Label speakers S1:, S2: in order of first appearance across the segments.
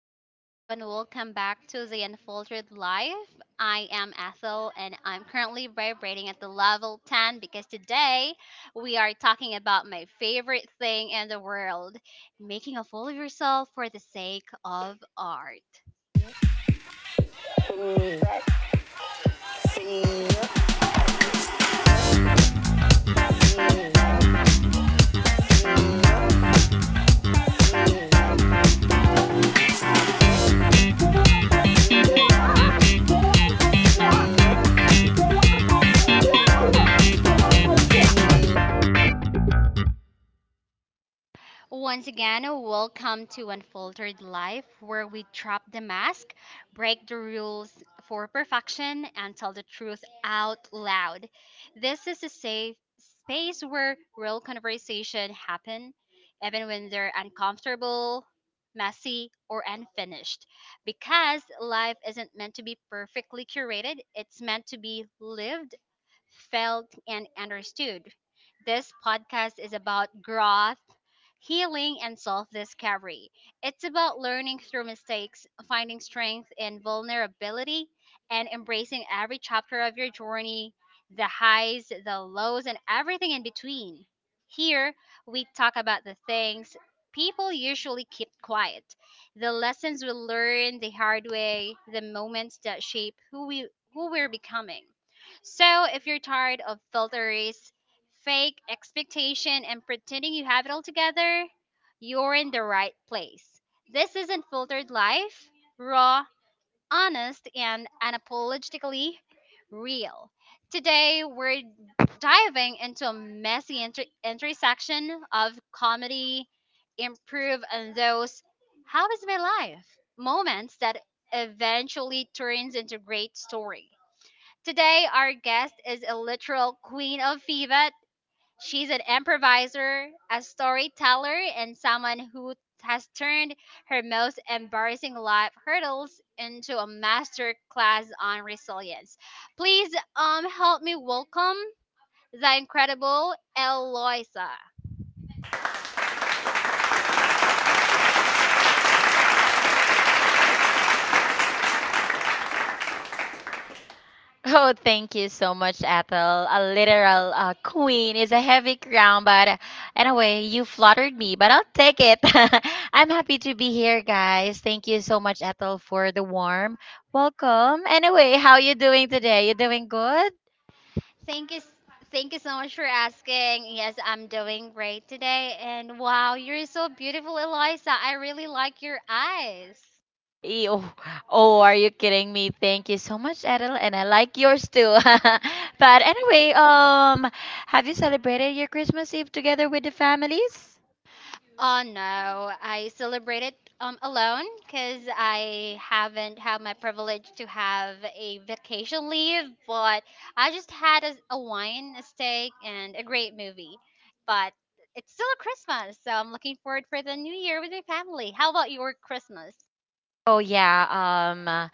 S1: hello, hello, and welcome back to the Unfiltered Life. I am Ethel, and I'm currently vibrating at the level 10 because today we are talking about my favorite thing in the world, making a fool of yourself for the sake of art. Once again, welcome to Unfiltered Life, where we drop the mask, break the rules for perfection, and tell the truth out loud. This is a safe space where real conversation happen, even when they're uncomfortable, messy, or unfinished. Because life isn't meant to be perfectly curated, it's meant to be lived, felt, and understood. This podcast is about growth, healing, and self discovery. It's about learning through mistakes, finding strength in vulnerability, and embracing every chapter of your journey, the highs, the lows, and everything in between. Here, we talk about the things people usually keep quiet, the lessons we learn the hard way, the moments that shape who we're becoming. So, if you're tired of filters, fake expectation, and pretending you have it all together, you're in the right place. This is Unfiltered Life, raw, honest, and unapologetically real. Today, we're diving into a messy intersection of comedy, improve, and those how is my life moments that eventually turns into great story. Today, our guest is a literal queen of Pivot. She's an improviser, a storyteller, and someone who has turned her most embarrassing life hurdles into a master class on resilience. Please help me welcome the incredible Eloisa.
S2: Oh, thank you so much, Ethel. A literal queen is a heavy crown, but you flattered me, but I'll take it. I'm happy to be here, guys. Thank you so much, Ethel, for the warm welcome. Anyway, how you doing today? You doing good?
S1: Thank you s- Thank you so much for asking. Yes, I'm doing great today, and wow, you're so beautiful, Eloisa. I really like your eyes.
S2: Eh, Oh, oh, are you kidding me? Thank you so much, Ethel, and I like yours too. But have you celebrated your Christmas Eve together with the families?
S1: Oh no, I celebrate it alone, because I haven't had my privilege to have a vacation leave, but I just had a wine, a steak, and a great movie. But it's still a Christmas, so I'm looking forward for the new year with my family. How about your Christmas?
S2: Oh yeah, um,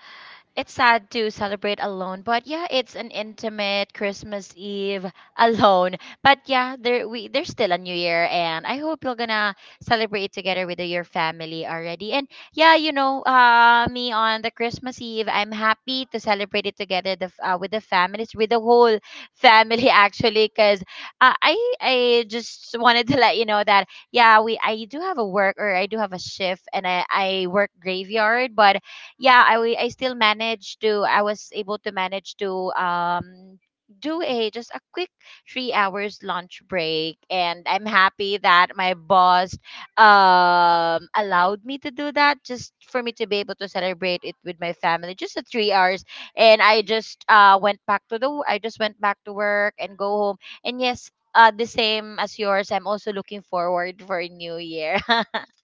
S2: it's sad to celebrate alone, but yeah, it's an intimate Christmas Eve alone. But yeah, there's still a new year and I hope you're gonna celebrate together with your family already. And yeah, me on the Christmas Eve, I'm happy to celebrate it together with the families, with the whole family actually, cuz I just wanted to let you know that yeah, we I do have a work or I do have a shift and I work graveyard. But yeah, I still managed to I was able to manage to do a just a quick 3 hours lunch break, and I'm happy that my boss allowed me to do that just for me to be able to celebrate it with my family, just a 3 hours. And I just went back to the I just went back to work and go home. And yes, the same as yours, I'm also looking forward for a new year.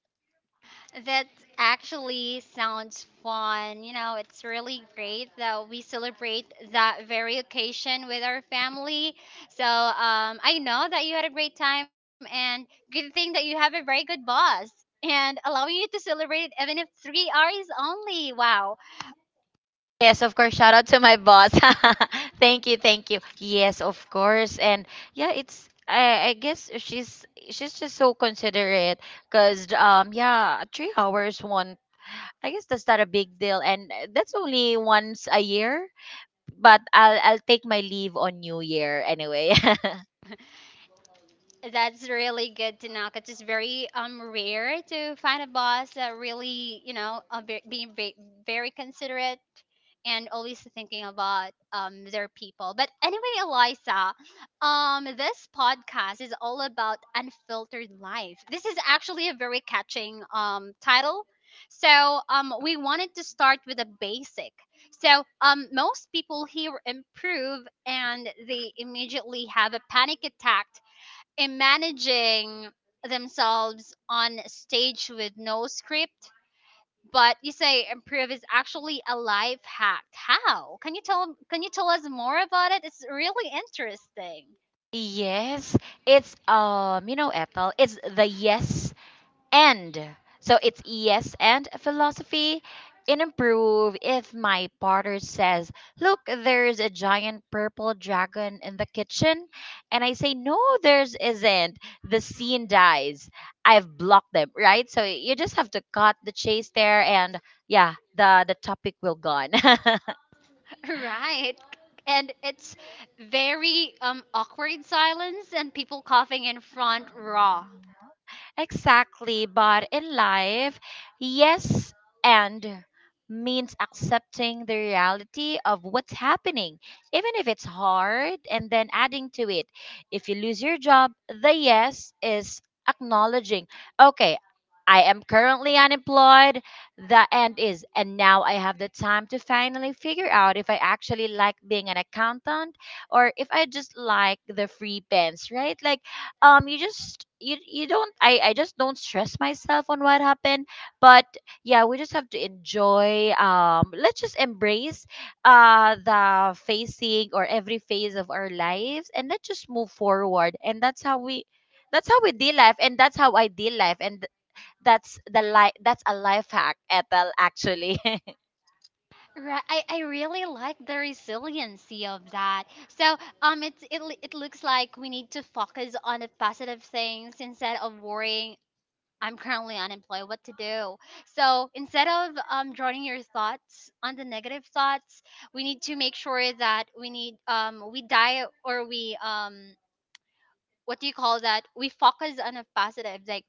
S1: That actually sounds fun. You know, it's really great that we celebrate that very occasion with our family. So I know that you had a great time, and good thing that you have a very good boss and allowing you to celebrate it, even if 3 hours only. Wow.
S2: Yes, of course. Shout out to my boss. Thank you, thank you. Yes, of course. And yeah, it's I guess she's just so considerate because yeah, 3 hours one, I guess that's not a big deal, and that's only once a year. But I'll take my leave on New Year anyway.
S1: That's really good to know because it's very rare to find a boss that really being very considerate and always thinking about their people. But anyway, Eliza, this podcast is all about unfiltered life. This is actually a very catching title. So we wanted to start with a basic. So most people here improve and they immediately have a panic attack in managing themselves on stage with no script, but you say improve is actually a life hack. How can you tell Can you tell us more about it? It's really interesting.
S2: Yes, it's you know, Ethel, it's the yes and. So it's yes and philosophy in improve. If my partner says, "Look, there's a giant purple dragon in the kitchen," and I say, "No, there's isn't," the scene dies. I've blocked them, right? So you just have to cut the chase there, and yeah, the topic will gone.
S1: Right. And it's very awkward silence and people coughing in front raw.
S2: Exactly, but in life, yes and means accepting the reality of what's happening, even if it's hard, and then adding to it. If you lose your job, the yes is acknowledging, okay, I am currently unemployed. The end is, and now I have the time to finally figure out if I actually like being an accountant or if I just like the free pens, right? Like, you just you don't I just don't stress myself on what happened. But yeah, we just have to enjoy, let's just embrace the facing or every phase of our lives, and let's just move forward. And that's how we deal life, and that's how I deal life. And that's the life, that's a life hack, Ethel, actually.
S1: Right, I really like the resiliency of that. So it looks like we need to focus on the positive things instead of worrying, I'm currently unemployed. What to do? So instead of drawing your thoughts on the negative thoughts, we need to make sure that we need we die or we what do you call that? We focus on a positive. Like,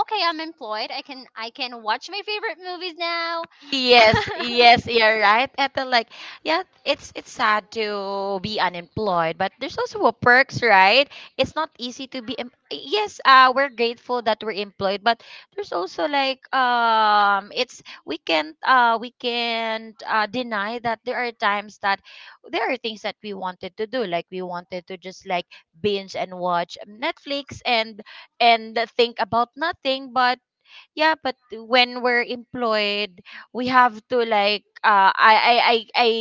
S1: okay, I'm employed. I can watch my favorite movies now.
S2: Yes,
S1: Yes,
S2: yes, you're
S1: yes.
S2: right, Ethel. Like, yeah, it's sad to be unemployed, but there's also a perks, right? It's not easy to be. Yes, we're grateful that we're employed, but there's also like, it's we can't deny that there are times that there are things that we wanted to do, like we wanted to just like binge and watch Netflix and think about nothing. But yeah, but when we're employed, we have to like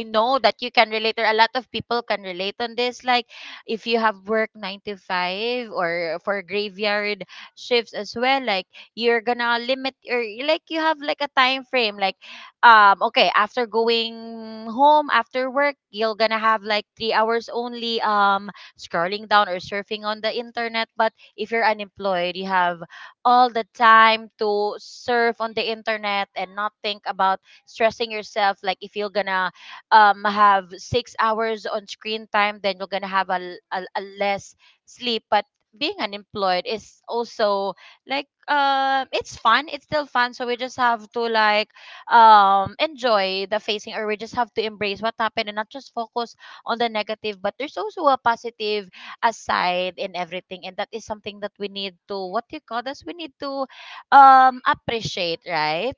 S2: I know that you can relate, or a lot of people can relate on this. Like, if you have work 9 to 5 or for graveyard shifts as well, like you're gonna limit, or like you have like a time frame. Like, okay, after going home after work, you're gonna have like 3 hours only scrolling down or surfing on the internet. But if you're unemployed, you have all the time to surf on the internet and not think about stressing yourself. Like, if you're gonna have 6 hours on screen time, then you're gonna have a a less sleep. But being unemployed is also like, it's fun, it's still fun. So we just have to like enjoy the facing, or we just have to embrace what happened and not just focus on the negative, but there's also a positive aside and everything. And that is something that we need to, what do you call this, we need to appreciate, right?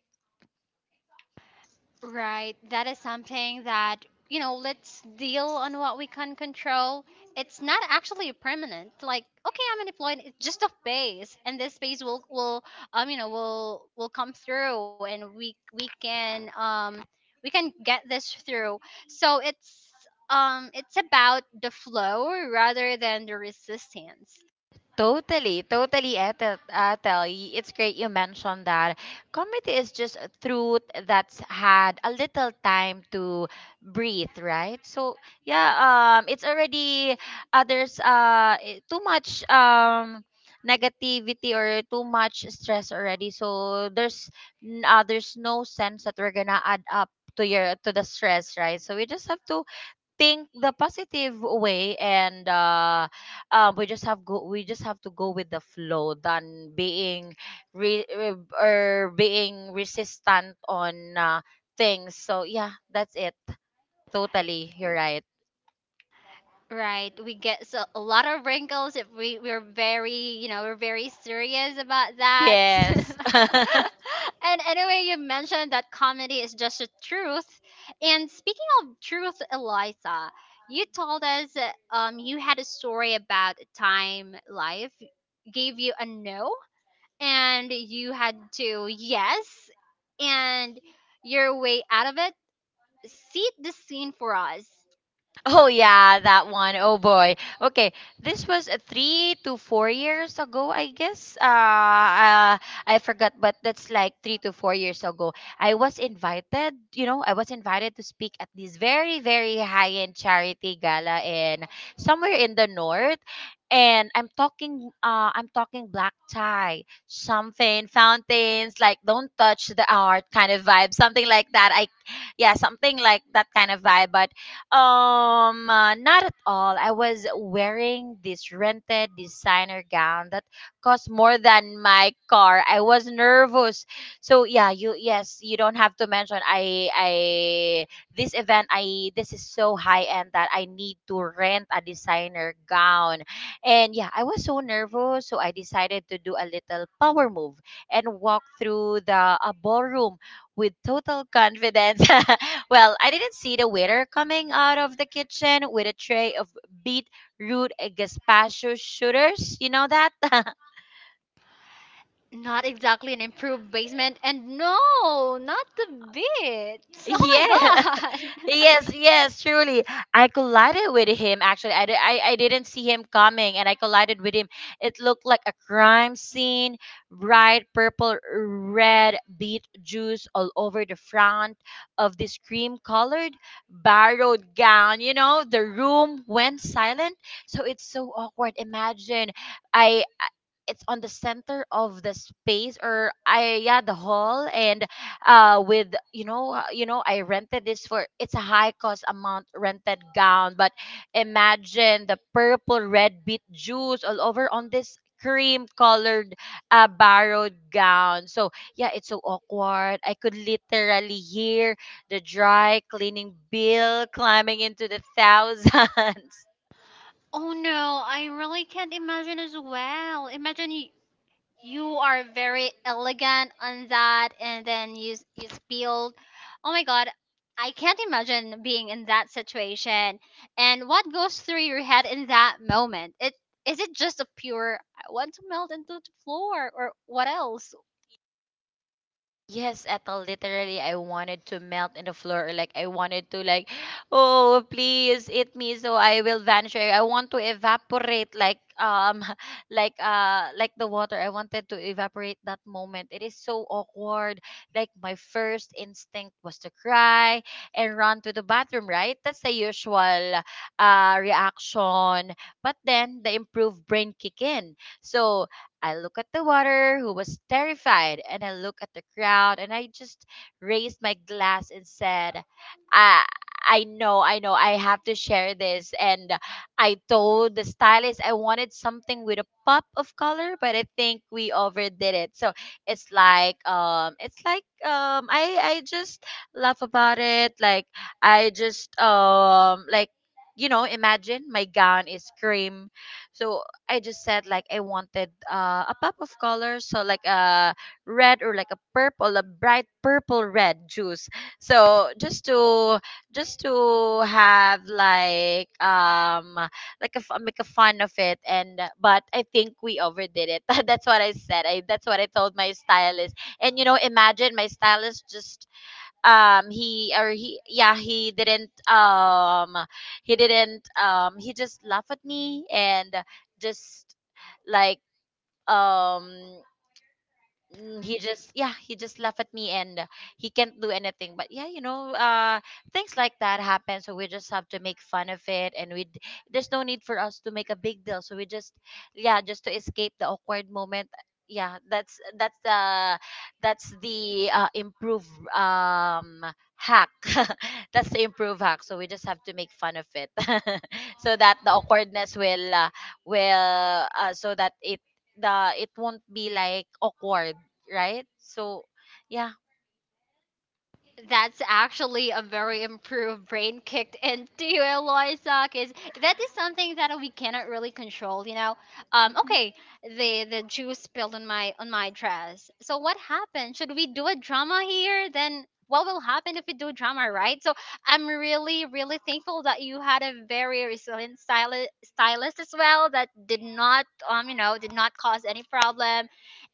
S1: Right. That is something that, let's deal on what we can control. It's not actually permanent. Like, okay, I'm unemployed. It's just a phase, and this phase will you know will come through, and we can get this through. So it's about the flow rather than the resistance.
S2: Totally, totally, Ethel. Ethel. It's great you mentioned that. Comedy is just a truth that's had a little time to breathe, right? So yeah, it's already there's too much negativity or too much stress already. So there's there's no sense that we're gonna add up to your to the stress, right? So we just have to think the positive way, and we just have to go with the flow than being re- re- or being resistant on things. So yeah, that's it. Totally, you're right.
S1: Right, we get so a lot of wrinkles if we're very, we're very serious about that. Yes.
S2: Yes.
S1: And anyway, you mentioned that comedy is just the truth. And speaking of truth, Eliza, you told us that, you had a story about a time life gave you a no, and you had to yes, and your way out of it. Seat the scene for us.
S2: Oh yeah, that one. Oh boy. Okay, this was 3 to 4 years ago, I guess. I forgot, but that's like 3 to 4 years ago. I was invited. You know, I was invited to speak at this very, very high-end charity gala in somewhere in the north, and I'm talking. I'm talking black tie, something fountains, like don't touch the art kind of vibe, something like that. I Yeah, something like that kind of vibe. But not at all. I was wearing this rented designer gown that cost more than my car. I was nervous. So yeah, you yes, you don't have to mention. I this event I this is so high end that I need to rent a designer gown, and yeah, I was so nervous. So I decided to do a little power move and walk through the ballroom with total confidence. Well, I didn't see the waiter coming out of the kitchen with a tray of beetroot gazpacho shooters. You know that?
S1: Not exactly an improved basement, and no, not the bits. Oh my
S2: Yeah.
S1: god.
S2: Yes, yes, truly. I collided with him actually. I didn't see him coming, and I collided with him. It looked like a crime scene, bright purple, red beet juice all over the front of this cream colored borrowed gown. You know, the room went silent. So it's so awkward. Imagine I I- it's on the center of the space, or I yeah, the hall. And with you know, you know, I rented this for, it's a high cost amount rented gown. But imagine the purple red beet juice all over on this cream colored borrowed gown. So yeah, it's so awkward. I could literally hear the dry cleaning bill climbing into the thousands.
S1: Oh no, I really can't imagine as well. Imagine you are very elegant on that, and then you spilled. Oh my god, I can't imagine being in that situation. And what goes through your head in that moment? It just a pure I want to melt into the floor, or what else?
S2: Yes, Ethel, literally, I wanted to melt in the floor. Like, I wanted to, like, oh, please eat me so I will vanish. I want to evaporate, like, like the water. I wanted to evaporate that moment. It is so awkward. Like, my first instinct was to cry and run to the bathroom, right? That's the usual, reaction. But then the improved brain kick in. So, I look at the water, who was terrified, and I look at the crowd, and I just raised my glass and said, I, I know, I know, I have to share this. And I told the stylist I wanted something with a pop of color, but I think we overdid it. So it's like, I just laugh about it. Like, I just, like, you know, imagine my gown is cream. So I just said like I wanted a pop of color, so like a red or like a purple, a bright purple red juice. So just to have like make a fun of it. And but I think we overdid it. That's what I said. I That's what I told my stylist. And you know, imagine my stylist just he he didn't he didn't he just laughed at me and just like um he just he just laughed at me, and he can't do anything. But yeah, things like that happen, so we just have to make fun of it, and there's no need for us to make a big deal. So we just, yeah, just to escape the awkward moment. Yeah, that's the improve um hack. That's the improve hack. So we just have to make fun of it. So that the awkwardness will so that it won't be like awkward, right? So, yeah.
S1: That's actually a very improved brain kicked into you, Eloisa, because that is something that we cannot really control, you know.
S2: Mhm.
S1: Okay, the juice spilled on my dress. So what happened? Should we do a drama here? Then what will happen if we do drama, right? So I'm really, really thankful that you had a very resilient stylist as well that did not cause any problem,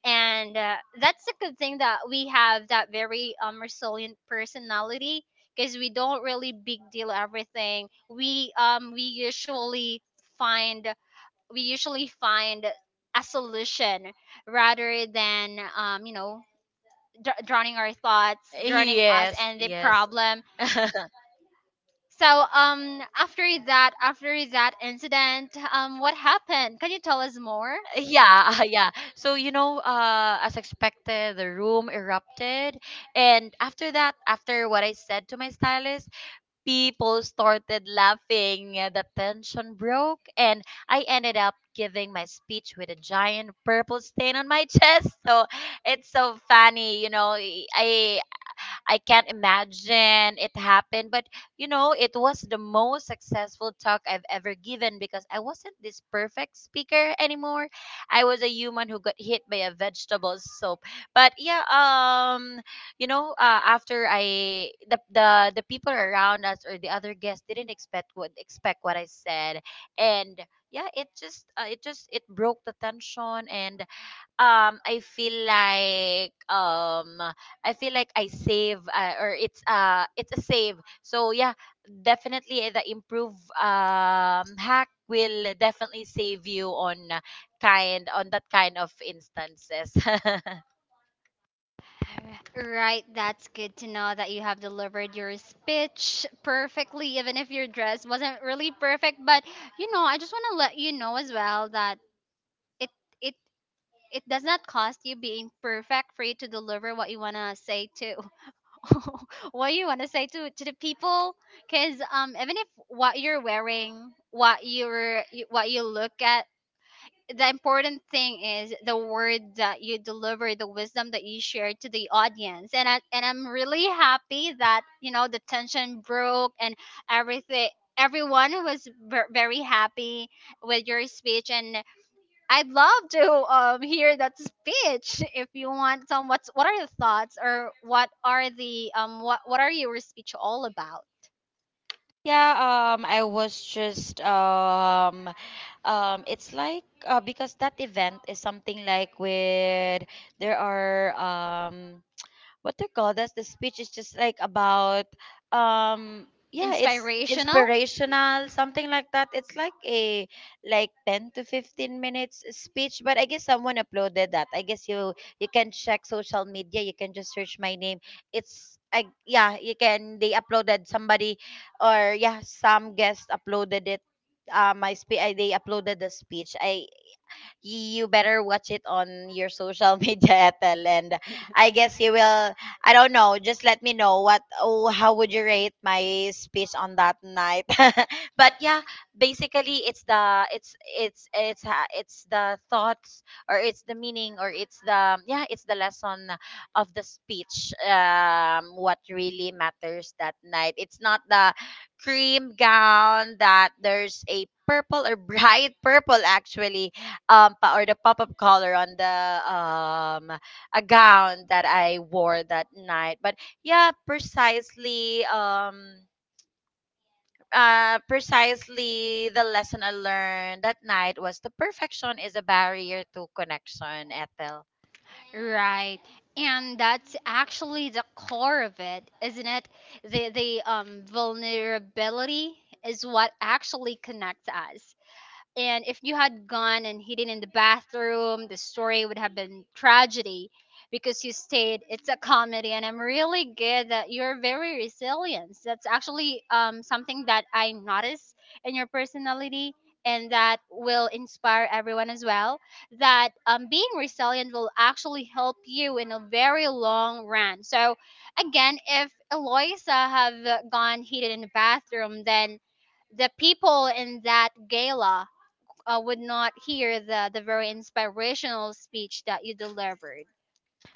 S1: and that's a good thing that we have that very resilient personality, because we don't really big deal everything. We um we usually find we usually find a solution rather than drowning our thoughts, drowning us
S2: Yes,
S1: and the
S2: yes.
S1: problem. So after that incident, what happened? Can you tell us more?
S2: Yeah, yeah. So, you know, as expected, the room erupted. And after that, after what I said to my stylist, people started laughing. The tension broke, and I ended up giving my speech with a giant purple stain on my chest. So it's so funny, you know. I I can't imagine it happened. But you know, it was the most successful talk I've ever given, because I wasn't this perfect speaker anymore. I was a human who got hit by a vegetable soap. But yeah, you know, the people around us or the other guests didn't expect what I said, and yeah, it just it just, it broke the tension. And um I feel like um I feel like I save, or it's a save. So yeah, definitely, the improve hack will definitely save you on kind on that kind of instances.
S1: Right, that's good to know that you have delivered your speech perfectly, even if your dress wasn't really perfect. But I just want to let you know as well that it it it does not cost you being perfect for you to deliver what you want to say to what you want to say to the people. Cause even if what you're wearing, what you look at, the important thing is the word that you deliver, the wisdom that you share to the audience. And I'm really happy that you know the tension broke, and everything everyone was very happy with your speech. And I'd love to hear that speech, if you want. Some What are your thoughts? Or what are your speech all about?
S2: Yeah, I was just it's like because that event is something like with there are what they call that, the speech is just like about,
S1: Yes.
S2: yeah, it's
S1: Inspirational.
S2: inspirational, something like that. It's like a like 10 to 15 minutes speech. But I guess someone uploaded that. I guess you you can check social media. You can just search my name. Yeah, you can they uploaded, somebody or yeah, some guest uploaded it. They uploaded the speech. I You better watch it on your social media, Ethel. And I guess you will. I don't know. Just let me know what. Oh, how would you rate my speech on that night? But yeah, basically, it's the, it's the thoughts, or it's the meaning, or it's the, yeah, it's the lesson of the speech. What really matters that night? It's not the cream gown, that there's a purple or bright purple, actually, or the pop of color on the um a gown that I wore that night. But yeah, precisely, precisely the lesson I learned that night was, the perfection is a barrier to connection, Ethel.
S1: Right. And that's actually the core of it, isn't it? The vulnerability is what actually connects us. And if you had gone and hidden in the bathroom, the story would have been tragedy because you stayed. It's a comedy, and I'm really good that you're very resilient. That's actually something that I notice in your personality, and that will inspire everyone as well. That being resilient will actually help you in a very long run. So, again, if Eloisa have gone hidden in the bathroom, then the people in that gala would not hear the very inspirational speech that you delivered.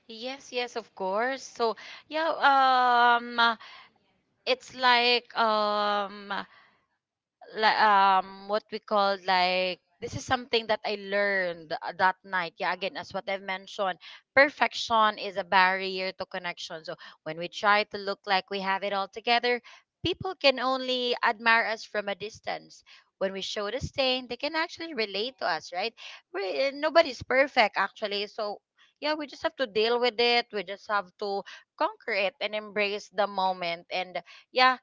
S2: Yes, yes, of course. So, yeah, um, it's like what we call like, this is something that I learned that night. Yeah, again, as what I've mentioned, perfection is a barrier to connection. So when we try to look like we have it all together, people can only admire us from a distance. When we show the stain, they can actually relate to us, right? We, nobody's perfect, actually. So yeah, we just have to deal with it. We just have to conquer it and embrace the moment. And yeah,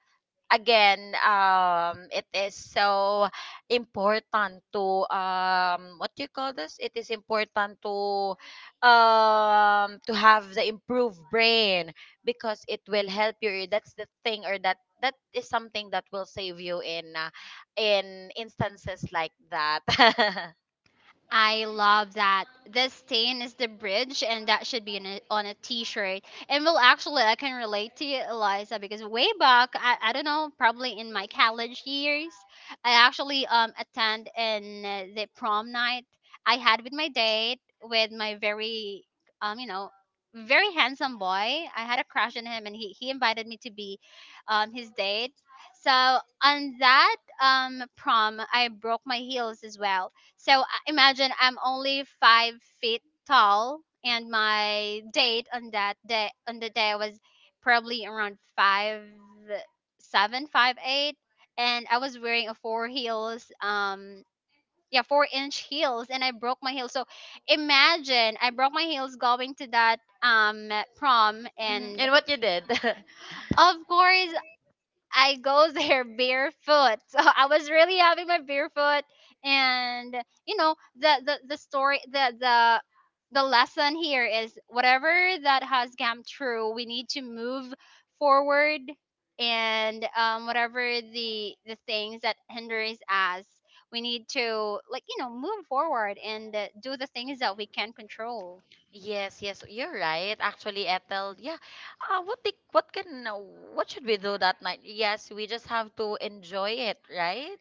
S2: again, it is so important to, what do you call this, it is important to have the improved brain, because it will help you. That's the thing, or that, that is something that will save you in instances like that.
S1: I love that. This stain is the bridge, and that should be on on a t-shirt. And well, actually, I can relate to you, Eliza, because way back, I don't know, probably in my college years, I actually attend in the prom night I had with my date, with my very um you know very handsome boy. I had a crush on him, and he invited me to be his date. So on that prom, I broke my heels as well. So imagine I'm only 5 feet tall, and my date on the day was probably around 5'7", 5'8", and I was wearing a four heels. Yeah, 4 inch heels, and I broke my heels. So imagine I broke my heels going to that prom,
S2: Mhm.
S1: and
S2: And what you did.
S1: of course I go there barefoot. So I was really having my barefoot, and you know the story the lesson here is whatever that has come true, we need to move forward. And whatever the things that hinders us, we need to, like, move forward and do the things that we can control.
S2: Yes, yes, you're right. Actually, Ethel, yeah. What can, what should we do that night? Yes, we just have to enjoy it, right?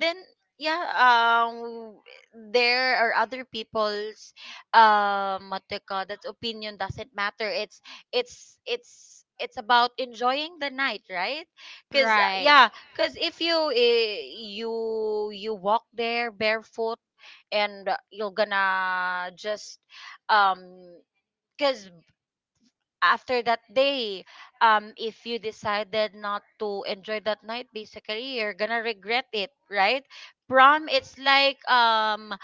S2: Then yeah, there are other people's, what they call that, opinion doesn't matter. It's about enjoying the night, right? Cause,
S1: Right.
S2: yeah, cause if you, you walk there barefoot, and you're gonna just um because after that day, if you decided not to enjoy that night, basically you're gonna regret it, right? Prom, it's like um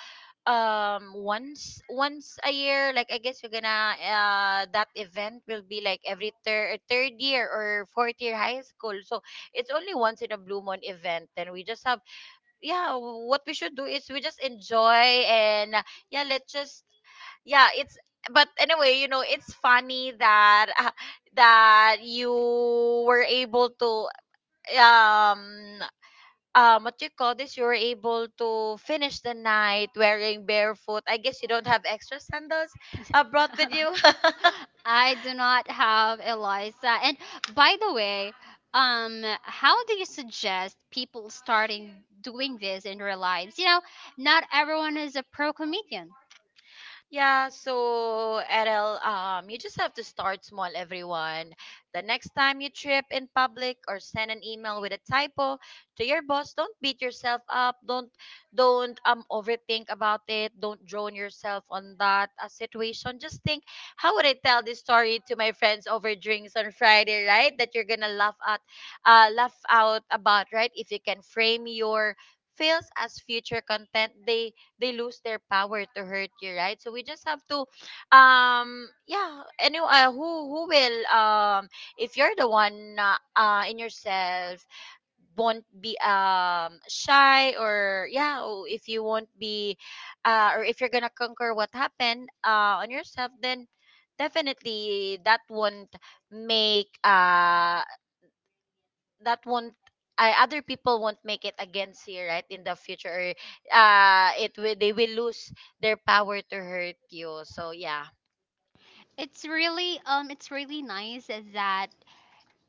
S2: um once, once a year. Like, I guess you're gonna, that event will be like every third year or fourth year high school. So it's only once in a blue moon event. Then we just have, yeah, what we should do is we just enjoy, and yeah, let's just, yeah, it's, but anyway, you know, it's funny that, that you were able to um what do you call this, you were able to finish the night wearing barefoot. I guess you don't have extra sandals, brought with you.
S1: I do not have, Eliza. And by the way, how do you suggest people starting doing this in their lives? You know, not everyone is a pro comedian.
S2: Yeah, so Errol, you just have to start small, everyone. The next time you trip in public or send an email with a typo to your boss, don't beat yourself up. Don't overthink about it. Don't drown yourself on that, situation. Just think, how would I tell this story to my friends over drinks on Friday, right? That you're gonna laugh at, laugh out about, right? If you can frame your fails as future content, they lose their power to hurt you, right? So we just have to, yeah. Anyway, who will, if you're the one, in yourself, won't be, um, shy, or yeah, or if you won't be, or if you're gonna conquer what happened, on yourself, then definitely that won't make, that won't other people won't make it against you, right, in the future, or, it will they will lose their power to hurt you. So yeah.
S1: It's really nice that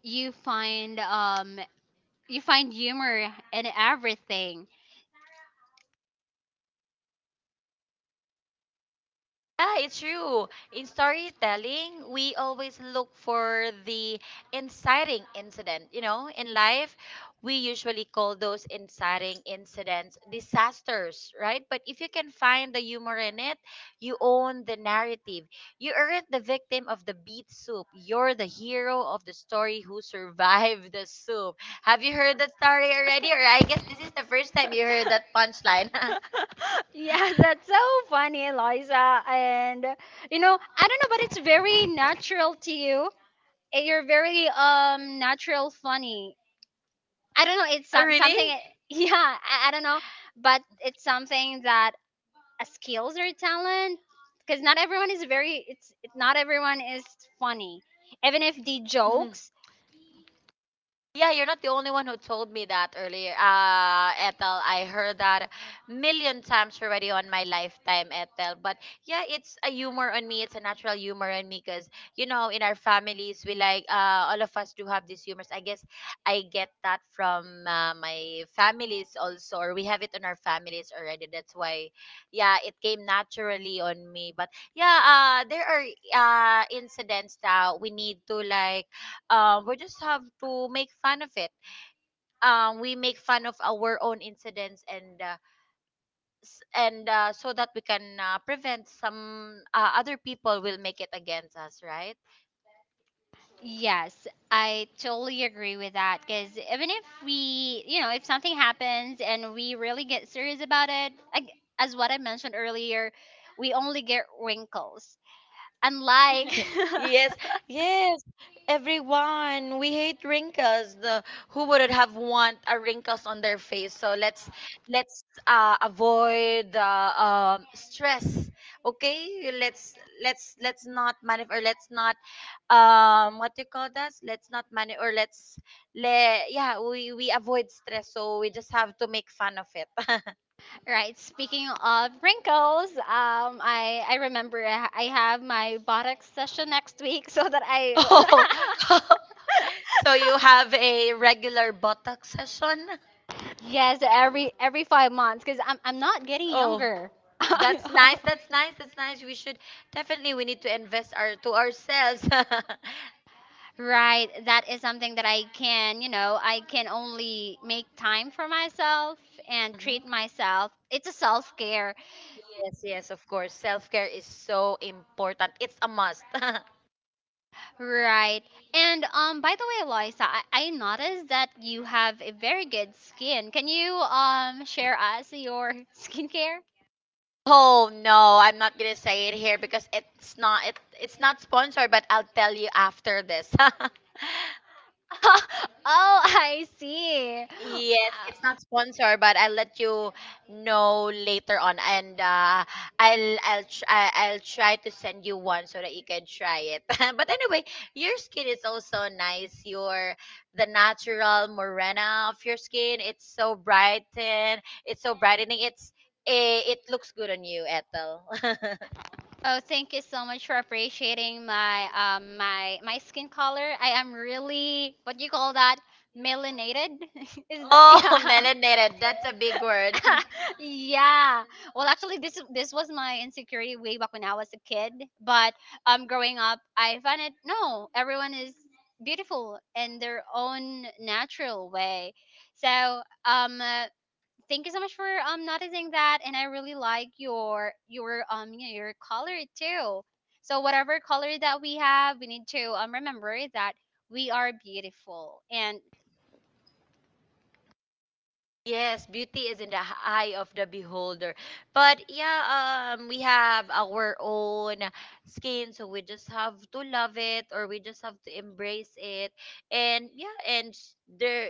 S1: you find um, you find humor in everything.
S2: Ah, it's true. In storytelling, we always look for the inciting incident. You know, in life, we usually call those inciting incidents disasters, right? But if you can find the humor in it, you own the narrative. You aren't the victim of the beet soup. You're the hero of the story who survived the soup. Have you heard that story already? Or I guess this is the first time you heard that punchline.
S1: Yeah, that's so funny, Eliza. And you know, I don't know, but it's very natural to you. You're very natural funny. I don't know. It's
S2: Oh,
S1: something.
S2: really?
S1: Yeah, I don't know, but it's something that, a skills or a talent, because not everyone is very it's it- not everyone is funny, even if the jokes.
S2: Yeah, you're not the only one who told me that earlier, Ethel. I heard that million times already on my lifetime, Ethel. But yeah, it's a humor on me. It's a natural humor on me, because you know, in our families, we like, all of us do have these humors. I guess I get that from, my families also, or we have it in our families already. That's why, yeah, it came naturally on me. But yeah, there are, incidents that we need to like, we just have to make fun of it. We make fun of our own incidents, and and so that we can, prevent some, other people will make it against us, right?
S1: Yes, I totally agree with that, because even if something happens and we really get serious about it, as what I mentioned earlier, we only get wrinkles, unlike.
S2: Yes, yes, everyone. We hate wrinkles. The Who wouldn't have want a wrinkles on their face? So let's, avoid the, um, stress. Okay, let's, let's not manif, or let's not, um, what do you call that, let's not money, or let's le yeah, we avoid stress, so we just have to make fun of it.
S1: Right. Speaking of wrinkles, I remember I have my botox session next week, so that I.
S2: Oh. So you have a regular botox session.
S1: Yes, every 5 months, because I'm not getting
S2: Oh.
S1: younger.
S2: That's nice, that's nice, that's nice. We should, definitely, we need to invest our to ourselves.
S1: Right. That is something that I can only make time for myself and
S2: Mhm.
S1: treat myself. It's a self care.
S2: Yes, yes, of course, self-care is so important, it's a must.
S1: Right. And by the way, Loisa, I noticed that you have a very good skin. Can you share us your skincare?
S2: Oh no, I'm not gonna say it here because it's not sponsored, but I'll tell you after this.
S1: Oh, I see.
S2: Yes, it's not sponsored, but I'll let you know later on, and, I'll try to send you one so that you can try it. But anyway, your skin is also nice. Your The natural morena of your skin, it's so bright and it's so brightening. It looks good on you, Ethel.
S1: Oh, thank you so much for appreciating my my skin color. I am really, what do you call that? Melanated? Is that?
S2: Oh,
S1: Yeah.
S2: melanated. That's a big word.
S1: Yeah. Well, actually, this was my insecurity way back when I was a kid. But growing up, I found it, no, everyone is beautiful in their own natural way. So um, uh, thank you so much for noticing that, and I really like your your color too. So whatever color that we have, we need to remember that we are beautiful. And
S2: Yes, beauty is in the eye of the beholder. But yeah, we have our own skin, so we just have to love it, or we just have to embrace it. And yeah,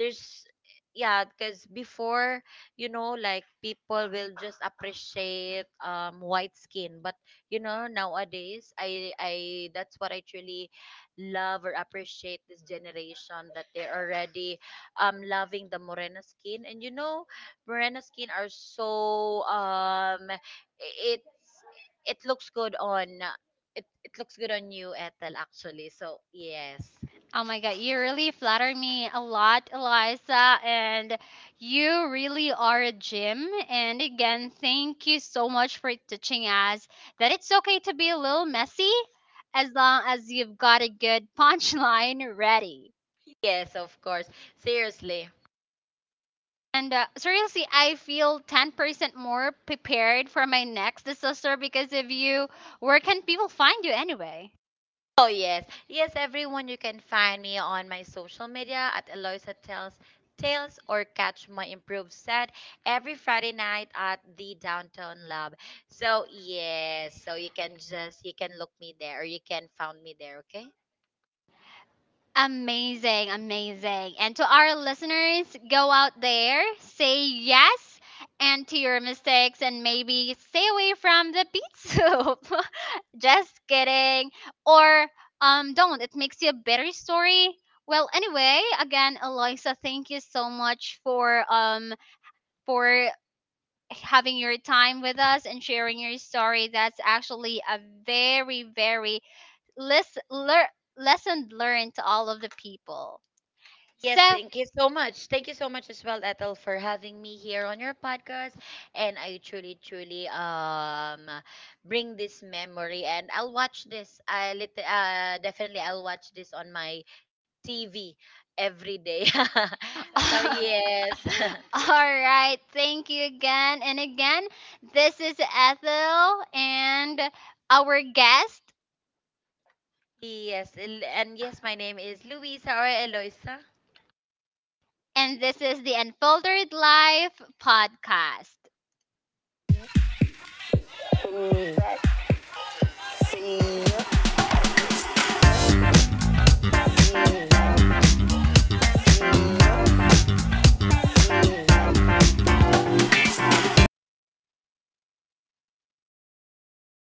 S2: there's, yeah, because before, you know, like people will just appreciate, um, white skin, but you know, nowadays, I, that's what I truly love or appreciate this generation, that they're already, I'm loving the Morena skin. And you know, Morena skin are so, um, it it looks good on, it looks good on you, Ethel, actually. So yes.
S1: oh my god, you really flatter me a lot, Eliza, and you really are a gem. And again, thank you so much for teaching us that it's okay to be a little messy, as long as you've got a good punchline ready.
S2: Yes, of course. Seriously.
S1: And seriously, I feel 10% more prepared for my next disaster because of you. Where can people find you anyway?
S2: Oh, yes. Yes, everyone, you can find me on my social media at Eloisa Tells Tales, or catch my improved set every Friday night at the Downtown Lab. So, yes. So, you can just, you can look me there, or you can find me there, okay?
S1: Amazing, amazing. And to our listeners, go out there, say yes and to your mistakes, and maybe stay away from the beet soup. Just kidding. Or don't. It makes you a better story. Well, anyway, again, Eloisa, thank you so much for having your time with us and sharing your story. That's actually a very, very lis- lear- lesson learned to all of the people.
S2: Yes,
S1: So,
S2: thank you so much. Thank you so much as well, Ethel, for having me here on your podcast. And I truly, truly, um, bring this memory. And I'll watch this. Definitely I'll watch this on my TV every day. So
S1: all
S2: yes,
S1: right. Thank you again. And again, this is Ethel and our guest,
S2: yes, and yes, my name is Luisa or Eloisa.
S1: and this is the Unfiltered Life podcast.